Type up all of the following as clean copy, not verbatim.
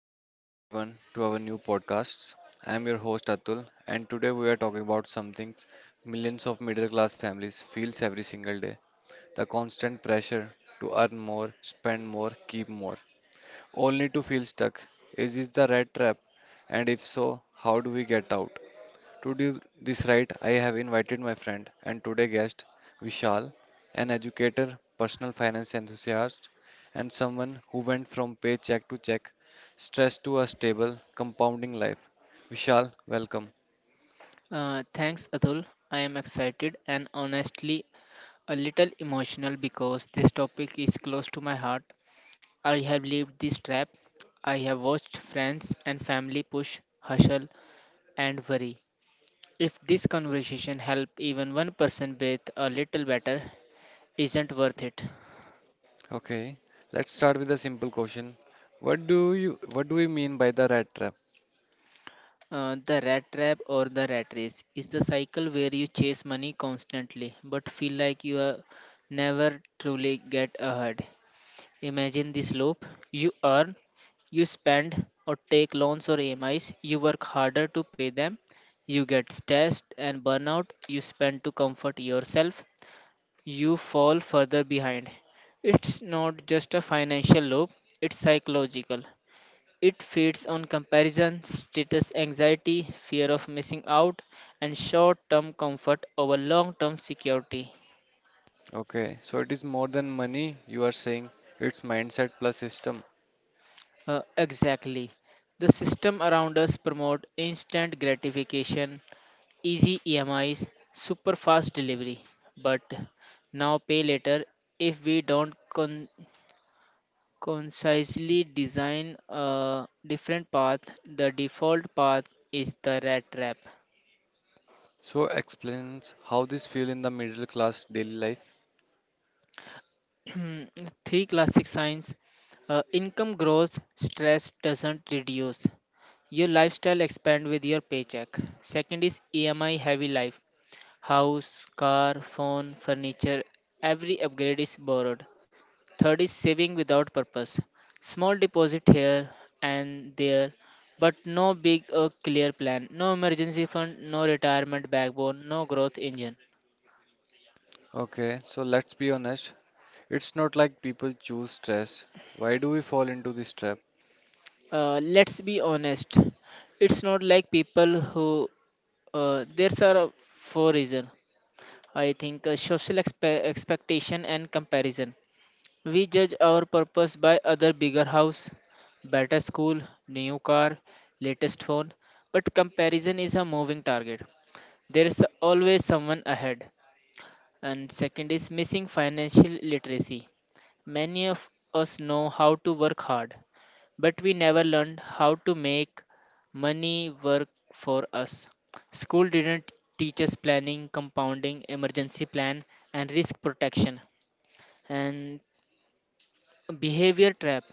Welcome back, everyone, to our new podcasts. I am your host Atul, and today we are talking about something millions of middle class families feels every single day, the constant pressure to earn more, spend more, keep more, only to feel stuck. Is this the right trap? And if so, how do we get out? To do this right, I have invited my friend and today guest Vishal, an educator, personal finance enthusiast, and someone who went from paycheck to check, stressed to a stable, compounding life. Vishal, welcome. Thanks, Atul. I am excited and honestly a little emotional because this topic is close to my heart. I have lived this trap. I have watched friends and family push, hustle, and worry. If this conversation help even one person breathe a little better, isn't worth it. Okay, let's start with a simple question. What do we mean by the rat trap? The rat trap or the rat race is the cycle where you chase money constantly but feel like you are never truly get ahead. Imagine this loop. You earn, you spend or take loans or EMIs, you work harder to pay them, you get stressed and burnout, you spend to comfort yourself, you fall further behind. It's not just a financial loop, it's psychological. It feeds on comparison, status anxiety, fear of missing out, and short term comfort over long term security. Okay, so it is more than money you are saying, it's mindset plus system. Exactly. The system around us promote instant gratification, easy EMIs, super fast delivery. But now pay later, if we don't con- concisely design a different path, the default path is the rat trap. So explains how this feel in the middle class daily life. Three classic signs, income grows, stress doesn't reduce. Your lifestyle expand with your paycheck. Second is EMI heavy life. House, car, phone, furniture, every upgrade is borrowed. Third is saving without purpose. Small deposit here and there, but no big or clear plan. No emergency fund, no retirement backbone, no growth engine. Okay, so let's be honest. It's not like people choose stress. Why do we fall into this trap? Let's be honest. It's not like people who there's are Four reason. I think social expectation and comparison. We judge our purpose by other bigger house, better school, new car, latest phone, but comparison is a moving target. There is always someone ahead. And second is missing financial literacy. Many of us know how to work hard, but we never learned how to make money work for us. School didn't teach us planning, compounding, emergency plan, and risk protection. And behavior trap.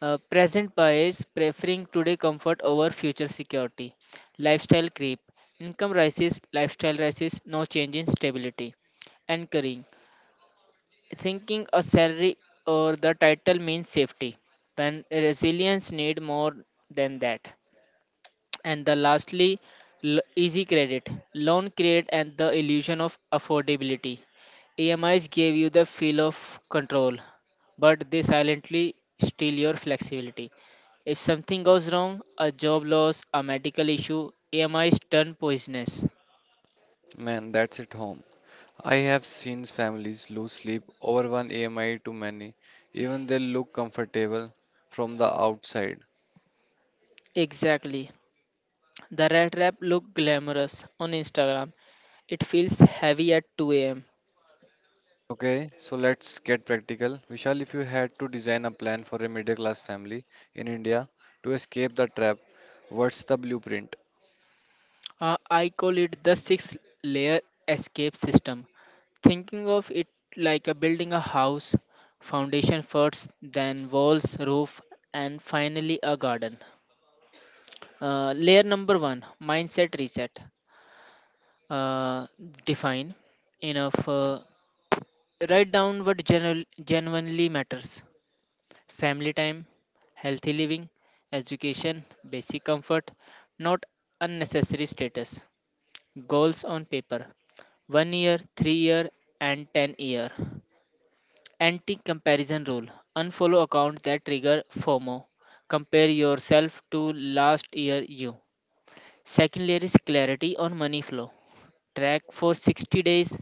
Present bias preferring today comfort over future security. Lifestyle creep. Income rises, lifestyle rises, no change in stability. Anchoring. Thinking a salary or the title means safety when resilience need more than that. And the lastly, easy credit loan create and the illusion of affordability. EMIs gave you the feel of control, but they silently steal your flexibility. If something goes wrong, a job loss, a medical issue, EMIs turn poisonous. Man, that's at home. I have seen families lose sleep over one AMI too many, even they look comfortable from the outside. Exactly, the rat trap look glamorous on Instagram. It feels heavy at 2 a.m. Okay, so let's get practical. Vishal, if you had to design a plan for a middle class family in India to escape the trap, what's the blueprint? I call it the six layer escape system. Thinking of it like a building a house, foundation first, then walls, roof, and finally a garden. Layer number one, mindset reset. Uh, Define enough. Write down what genuinely matters: family time, healthy living, education, basic comfort, not unnecessary status. Goals on paper: 1-year year, 3-year year, and 10-year year. Anti comparison rule, unfollow accounts that trigger FOMO. Compare yourself to last year you. Second layer is clarity on money flow. Track for 60 days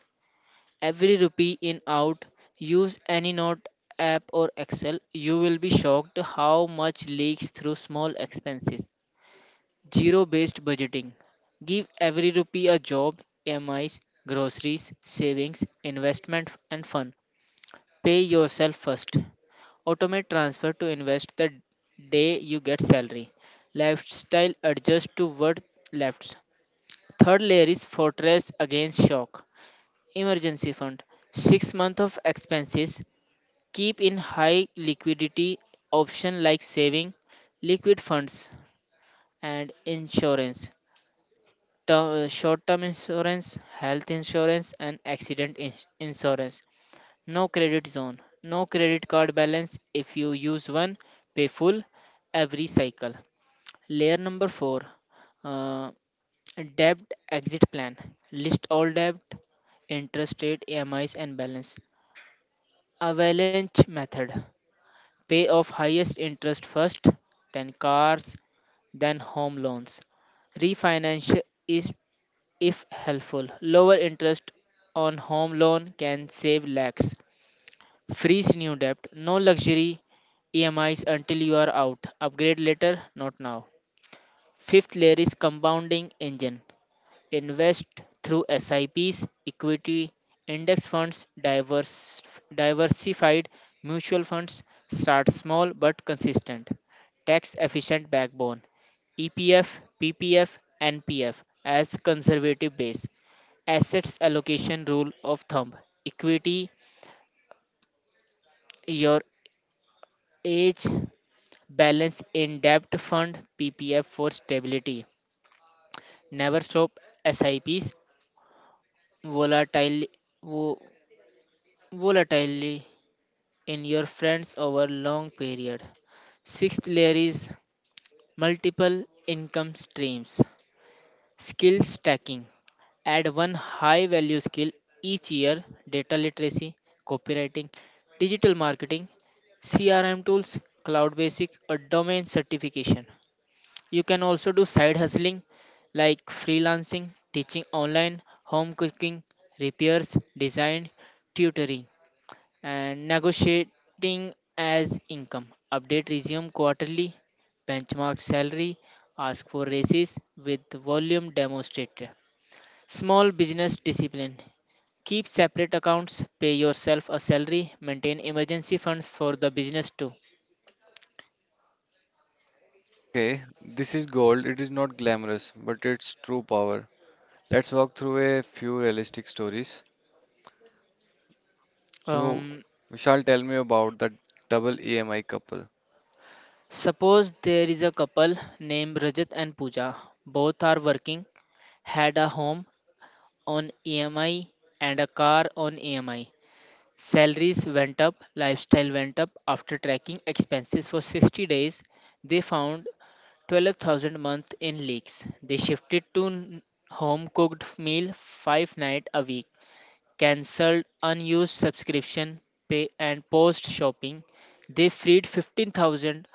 every rupee in out. Use any note app or Excel. You will be shocked how much leaks through small expenses. Zero based budgeting. Give every rupee a job: EMIs, groceries, savings, investment, and fun. Pay yourself first. Automate transfer to invest the day you get salary. Lifestyle adjust to what left. Third layer is fortress against shock. Emergency fund. 6 months of expenses. Keep in high liquidity option like saving, liquid funds, and insurance. Term, short term insurance, health insurance, and accident insurance. No credit zone, no credit card balance. If you use one, pay full every cycle. Layer number four, uh, debt exit plan. List all debt, interest rate, EMIs, and balance. Avalanche method, pay off highest interest first, then cars, then home loans. Refinance is if helpful. Lower interest on home loan can save lakhs. Freeze new debt. No luxury EMIs until you are out. Upgrade later, not now. Fifth layer is compounding engine. Invest through SIPs, equity, index funds, diversified mutual funds. Start small but consistent. Tax efficient backbone. EPF, PPF, NPF as conservative base. Assets allocation rule of thumb: equity, your age, balance in debt fund, PPF for stability. Never stop SIPs, volatile, vo- volatility in your friends over long period. Sixth layer is multiple income streams. Skill stacking. Add one high value skill each year: data literacy, copywriting, digital marketing, CRM tools, cloud basic, or domain certification. You can also do side hustling like freelancing, teaching online, home cooking, repairs, design, tutoring, and negotiating as income. Update resume quarterly, benchmark salary, ask for raises with volume demonstrator. Small business discipline. Keep separate accounts, pay yourself a salary, maintain emergency funds for the business too. Okay, this is gold. It is not glamorous, but it's true power. Let's walk through a few realistic stories. So, Um, Vishal, tell me about the double EMI couple. Suppose there is a couple named Rajat and Pooja. Both are working, had a home on EMI and a car on EMI. Salaries went up, lifestyle went up. After tracking expenses for 60 days, they found 12,000 a month in leaks. They shifted to home cooked meal 5 nights a week, cancelled unused subscription, pay and post shopping. They freed 15,000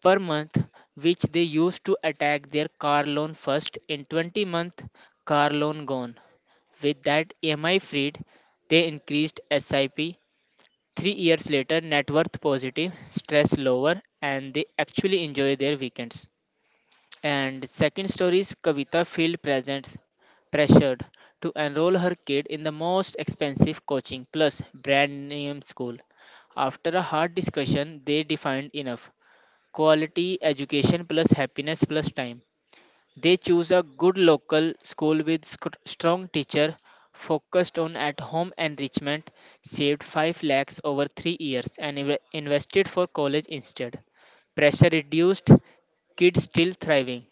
per month, which they used to attack their car loan first. In 20 months, car loan gone. With that EMI freed, they increased SIP. 3 years later, net worth positive, stress lower, and they actually enjoy their weekends. And second story is Kavita feel present pressured to enroll her kid in the most expensive coaching plus brand name school. After a hard discussion, they defined enough: quality education plus happiness plus time. They choose a good local school with strong teacher, focused on at-home enrichment, saved 5 lakhs over 3 years and invested for college instead. Pressure reduced, kids still thriving.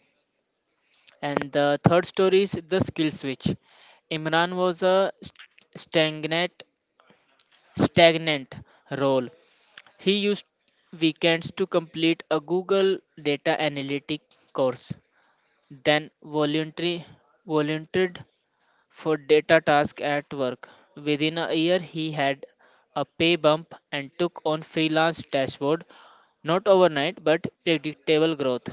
And the third story is the skill switch. Imran was a stagnant stagnant role. He used weekends to complete a Google data analytic course, then voluntary volunteered for data task at work. Within a year, he had a pay bump and took on freelance dashboard. Not overnight, but predictable growth.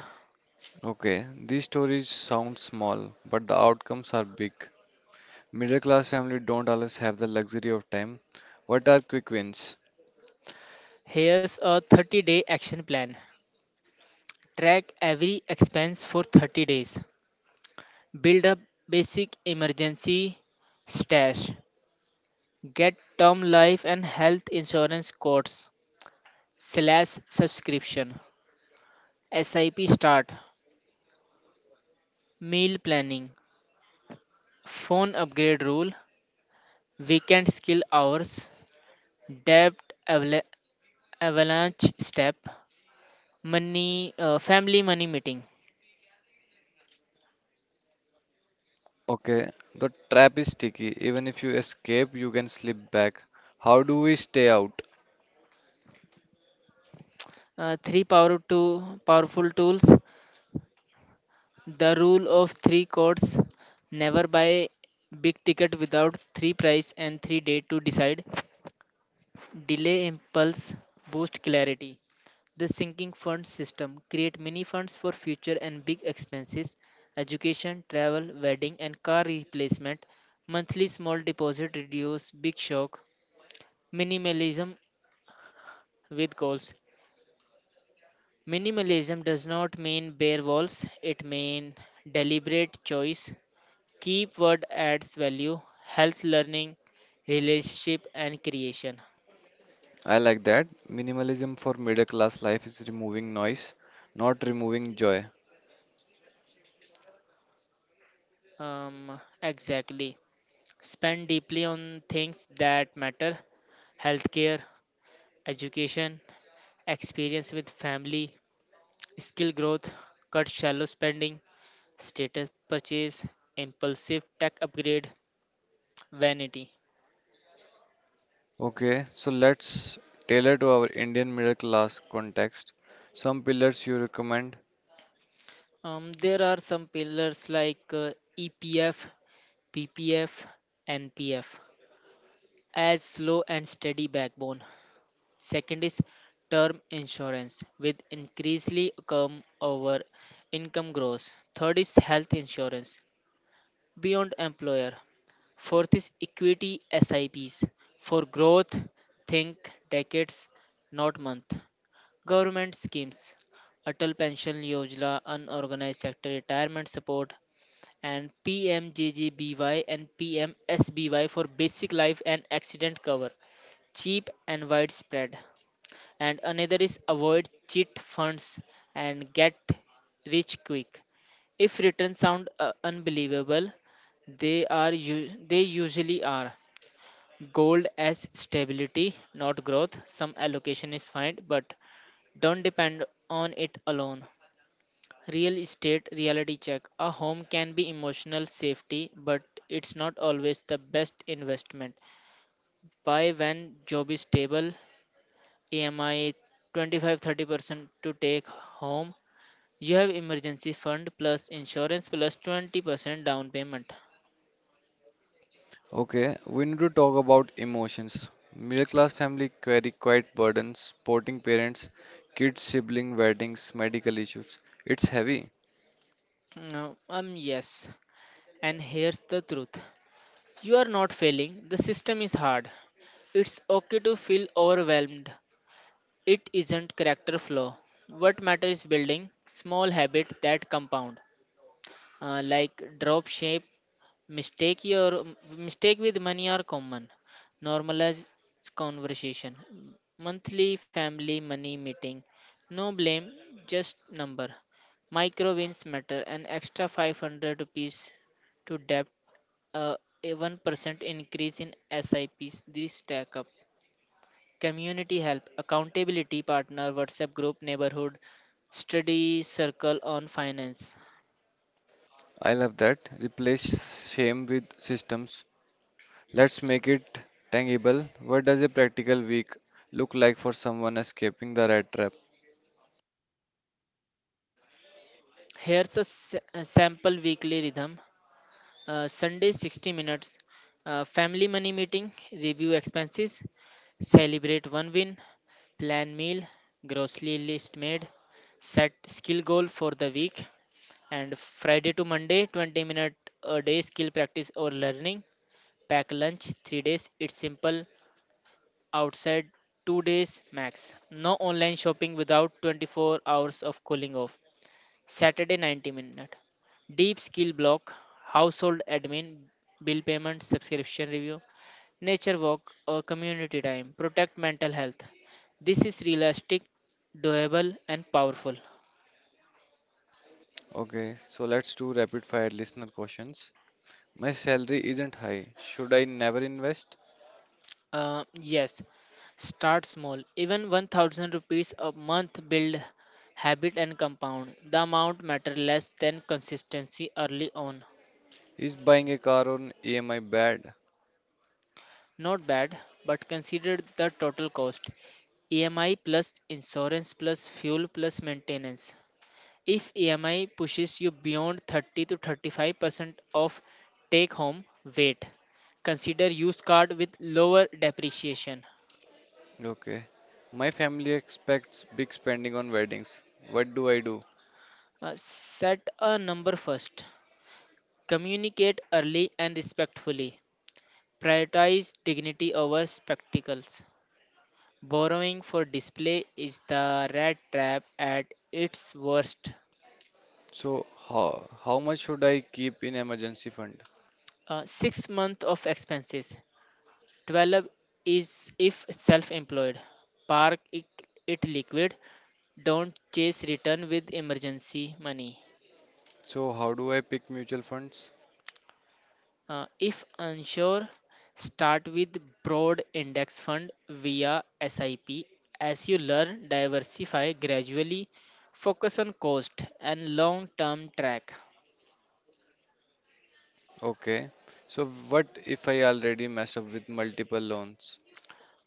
Okay, these stories sound small, but the outcomes are big. Middle class family don't always have the luxury of time. What are quick wins? Here's a 30-day action plan. Track every expense for 30 days. Build up basic emergency stash. Get term life and health insurance quotes, slash subscription. SIP start. Meal planning. Phone upgrade rule, weekend skill hours, debt avala- avalanche step, money family money meeting. Okay, the trap is sticky. Even if you escape, you can slip back. How do we stay out? Three powerful tools, the rule of three codes, never buy big ticket without three price and 3 day to decide. Delay impulse, boost clarity. The sinking fund system, create mini funds for future and big expenses: education, travel, wedding, and car replacement. Monthly small deposit reduce big shock. Minimalism with goals. Minimalism does not mean bare walls, it means deliberate choice. Keep what adds value: health, learning, relationship, and creation. I like that. Minimalism for middle class life is removing noise, not removing joy. Um exactly. Spend deeply on things that matter: healthcare, education, experience with family, skill growth. Cut shallow spending, status purchase, impulsive tech upgrade, vanity. Okay, so let's tailor to our Indian middle class context. Some pillars you recommend. There are some pillars like EPF, PPF, NPF as slow and steady backbone. Second is term insurance with increasingly come over income growth. Third is health insurance beyond employer. Fourth is equity SIPs. For growth, think decades, not month. Government schemes. Atal Pension Yojana, Unorganized Sector Retirement Support, and PMJJBY and PMSBY for basic life and accident cover. Cheap and widespread. And another is avoid cheat funds and get rich quick. If returns sound unbelievable, they are they usually are. Gold as stability, not growth. Some allocation is fine, but don't depend on it alone. Real estate reality check: a home can be emotional safety, but it's not always the best investment. Buy when job is stable, EMI 25-30% to take home. You have emergency fund plus insurance plus 20% down payment. Okay, we need to talk about emotions. Middle class family carry quite burdens, supporting parents, kids, sibling, weddings, medical issues. It's heavy. No, yes. And here's the truth. You are not failing. The system is hard. It's okay to feel overwhelmed. It isn't character flaw. What matters is building small habit that compound. Like drop shape. Mistake your Mistake with money are common. Normalize conversation. Monthly family money meeting. No blame, just number. Micro wins matter. An extra 500 rupees to debt. Uh, a 1% increase in SIPs. These stack up. Community help. Accountability partner. WhatsApp group. Neighborhood. Study circle on finance. I love that. Replace shame with systems. Let's make it tangible. What does a practical week look like for someone escaping the rat trap? A sample weekly rhythm. Sunday 60 minutes, family money meeting, review expenses, celebrate one win, plan meal, grocery list made, set skill goal for the week. And Friday to Monday 20 minute a day skill practice or learning, pack lunch 3 days, it's simple, outside 2 days max. No online shopping without 24 hours of cooling off. Saturday 90 minute. Deep skill block, household admin, bill payment, subscription review, nature walk or community time. Protect mental health. This is realistic, doable, and powerful. Okay, so let's do rapid fire listener questions. My salary isn't high. Should I never invest? Yes, start small. Even 1000 rupees a month build habit and compound. The amount matter less than consistency early on. Is buying a car on EMI bad? Not bad, but consider the total cost. EMI plus insurance plus fuel plus maintenance. If EMI pushes you beyond 30 to 35% of take home weight, consider used card with lower depreciation. Okay. My family expects big spending on weddings. What do I do? Set a number first. Communicate early and respectfully. Prioritize dignity over spectacles. Borrowing for display is the rat trap at its worst. So how much should I keep in emergency fund? 6 months of expenses. 12 is if self employed. Park it, it liquid. Don't chase return with emergency money. So how do I pick mutual funds? If unsure, start with broad index fund via SIP. As you learn, diversify gradually, focus on cost and long term track. Okay. So what if I already mess up with multiple loans?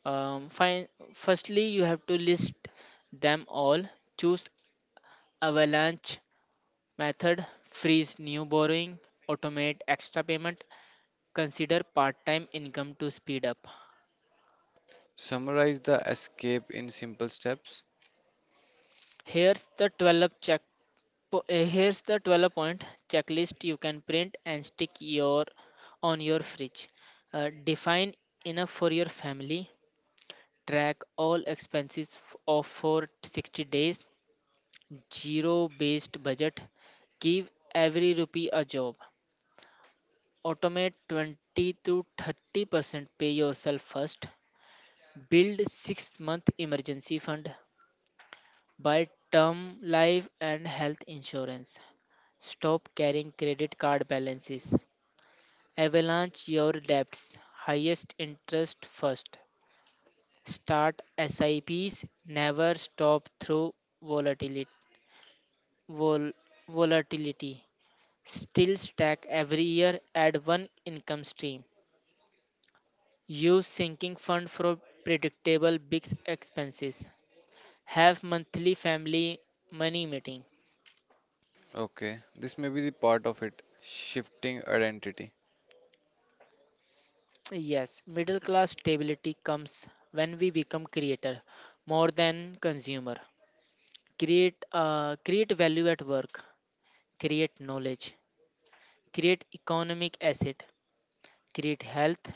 Fine, firstly, you have to list them all, choose avalanche Method freeze new borrowing, automate extra payment, consider part time income to speed up. Summarize the escape in simple steps. Here's the 12 check po- eh, here's the 12 point checklist you can print and stick your on your fridge. Define enough for your family, track all expenses of for 60 days, zero based budget, give every rupee a job automate 20 to 30% pay yourself first. Build 6 month emergency fund. Buy term life and health insurance. Stop carrying credit card balances. Avalanche your debts. Highest interest first. Start SIPs. Never stop through volatility. Vol- Volatility. Still stack every year. Add one income stream. Use sinking fund for predictable big expenses. Have monthly family money meeting. Okay. This may be the part of it. Shifting identity. Yes, middle class stability comes when we become creator more than consumer. Create create value at work, create knowledge, create economic asset, create health,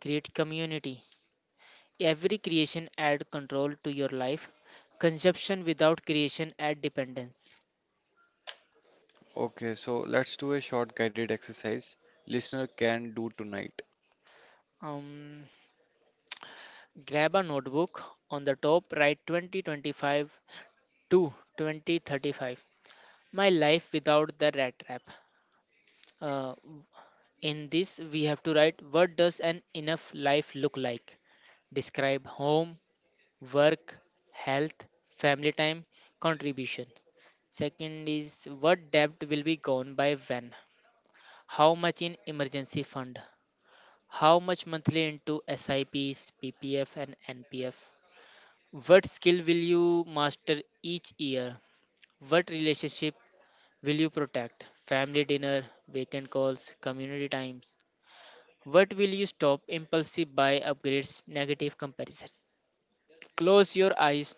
create community. Every creation add control to your life. Consumption without creation add dependence. Okay, so let's do a short guided exercise listener can do tonight. Um, Grab a notebook on the top, write 2025 to 2035. My life without the rat trap. Uh, in this, we have to write what does an enough life look like? Describe home, work, health, family time, contribution. Second is what debt will be gone by when? How much in emergency fund? How much monthly into SIPs, PPF, and NPF? What skill will you master each year? What relationship will you protect? Family dinner, weekend calls, community times. What will you stop? Impulsive buy upgrades, negative comparison. Close your eyes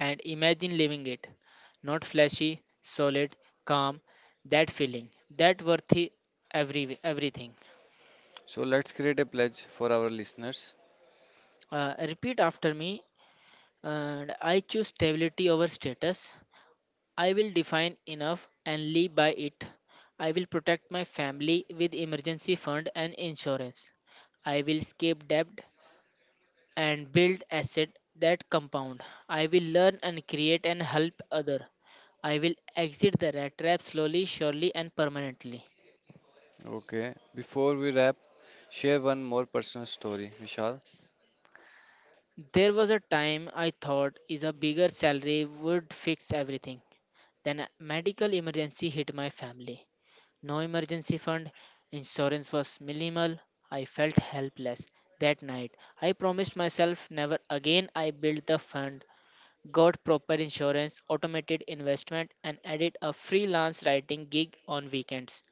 and imagine living it. Not flashy, solid, calm. That feeling, that worthy everything. So let's create a pledge for our listeners. Repeat after me. And I choose stability over status. I will define enough and live by it. I will protect my family with emergency fund and insurance. I will escape debt and build asset that compound. I will learn and create and help other. I will exit the rat trap slowly, surely and permanently. Okay, before we wrap, share one more personal story, Vishal. There was a time I thought is a bigger salary would fix everything. Then a medical emergency hit my family. No emergency fund, insurance was minimal. I felt helpless that night. I promised myself never again. I built the fund, got proper insurance, automated investment, and added a freelance writing gig on weekends.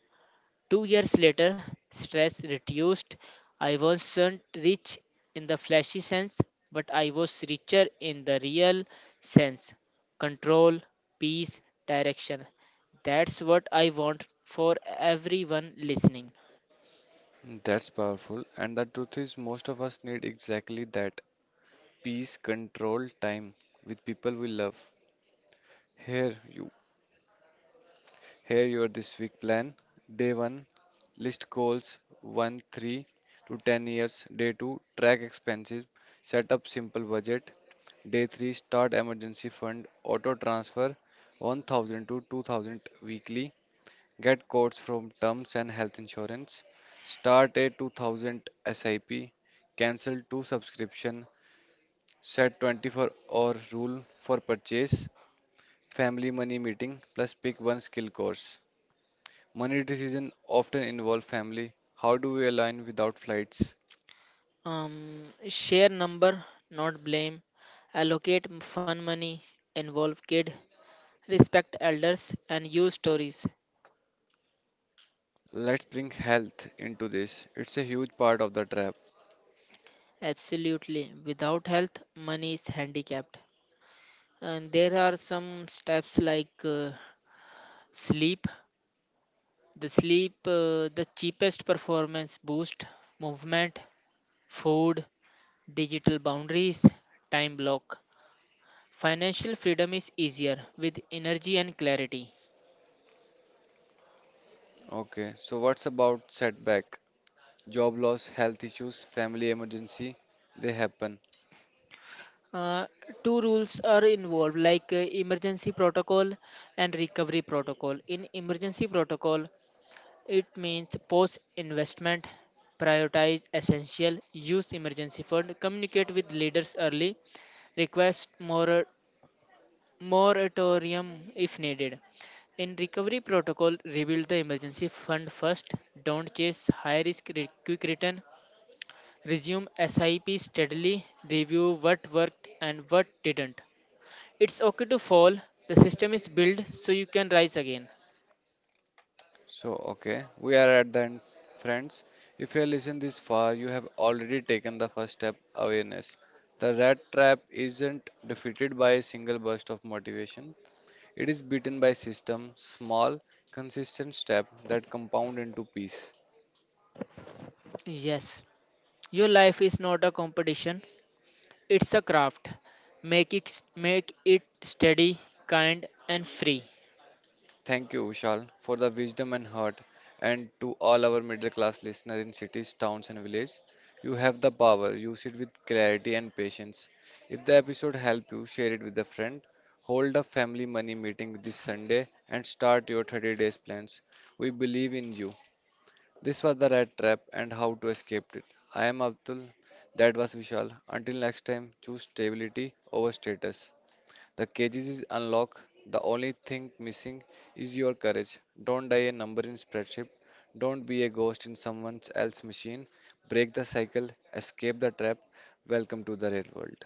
2 years later, stress reduced. I wasn't rich in the flashy sense, but I was richer in the real sense control, peace, direction. That's what I want for everyone listening. That's powerful, and the truth is, most of us need exactly that, peace, control, time with people we love. Here, you Here your this week plan. Day 1, list goals 1, 3 to 10 years. Day 2, track expenses, set up simple budget. Day 3, start emergency fund, auto transfer 1,000 to 2,000 weekly. Get quotes from terms and health insurance. Start a 2,000 SIP, cancel two subscription, set 24-hour rule for purchase, family money meeting plus pick one skill course. Money decisions often involve family. How do we align without flights? Share number, not blame. Allocate fun money, involve kid, respect elders, and use stories. Let's bring health into this. It's a huge part of the trap. Absolutely. Without health, money is handicapped. And there are some steps like sleep, the cheapest performance boost, movement, food, digital boundaries, time block. Financial freedom is easier with energy and clarity. Okay, so what's about setback? Job loss, health issues, family emergency, they happen. Uh, Two rules are involved like emergency protocol and recovery protocol. In emergency protocol, it means post investment prioritize essential use emergency fund communicate with leaders early request moratorium if needed. In recovery protocol, rebuild the emergency fund first, don't chase high risk quick return, resume SIP steadily, review what worked and what didn't. It's okay to fall, the system is built so you can rise again. So, okay, we are at the end, friends. If you listen this far, you have already taken the first step, awareness. The rat trap isn't defeated by a single burst of motivation. It is beaten by system, small, consistent step that compound into peace. Yes, your life is not a competition, it's a craft. Make it steady, kind, and free. Thank you, Vishal, for the wisdom and heart, and to all our middle class listeners in cities, towns, and villages. You have the power, use it with clarity and patience. If the episode helped you, share it with a friend. Hold a family money meeting this Sunday and start your 30 days plans. We believe in you. This was the rat trap and how to escape it. I am Abdul. That was Vishal. Until next time, choose stability over status. The cages is unlocked. The only thing missing is your courage. Don't die a number in spreadsheet. Don't be a ghost in someone else's machine. Break the cycle. Escape the trap. Welcome to the real world.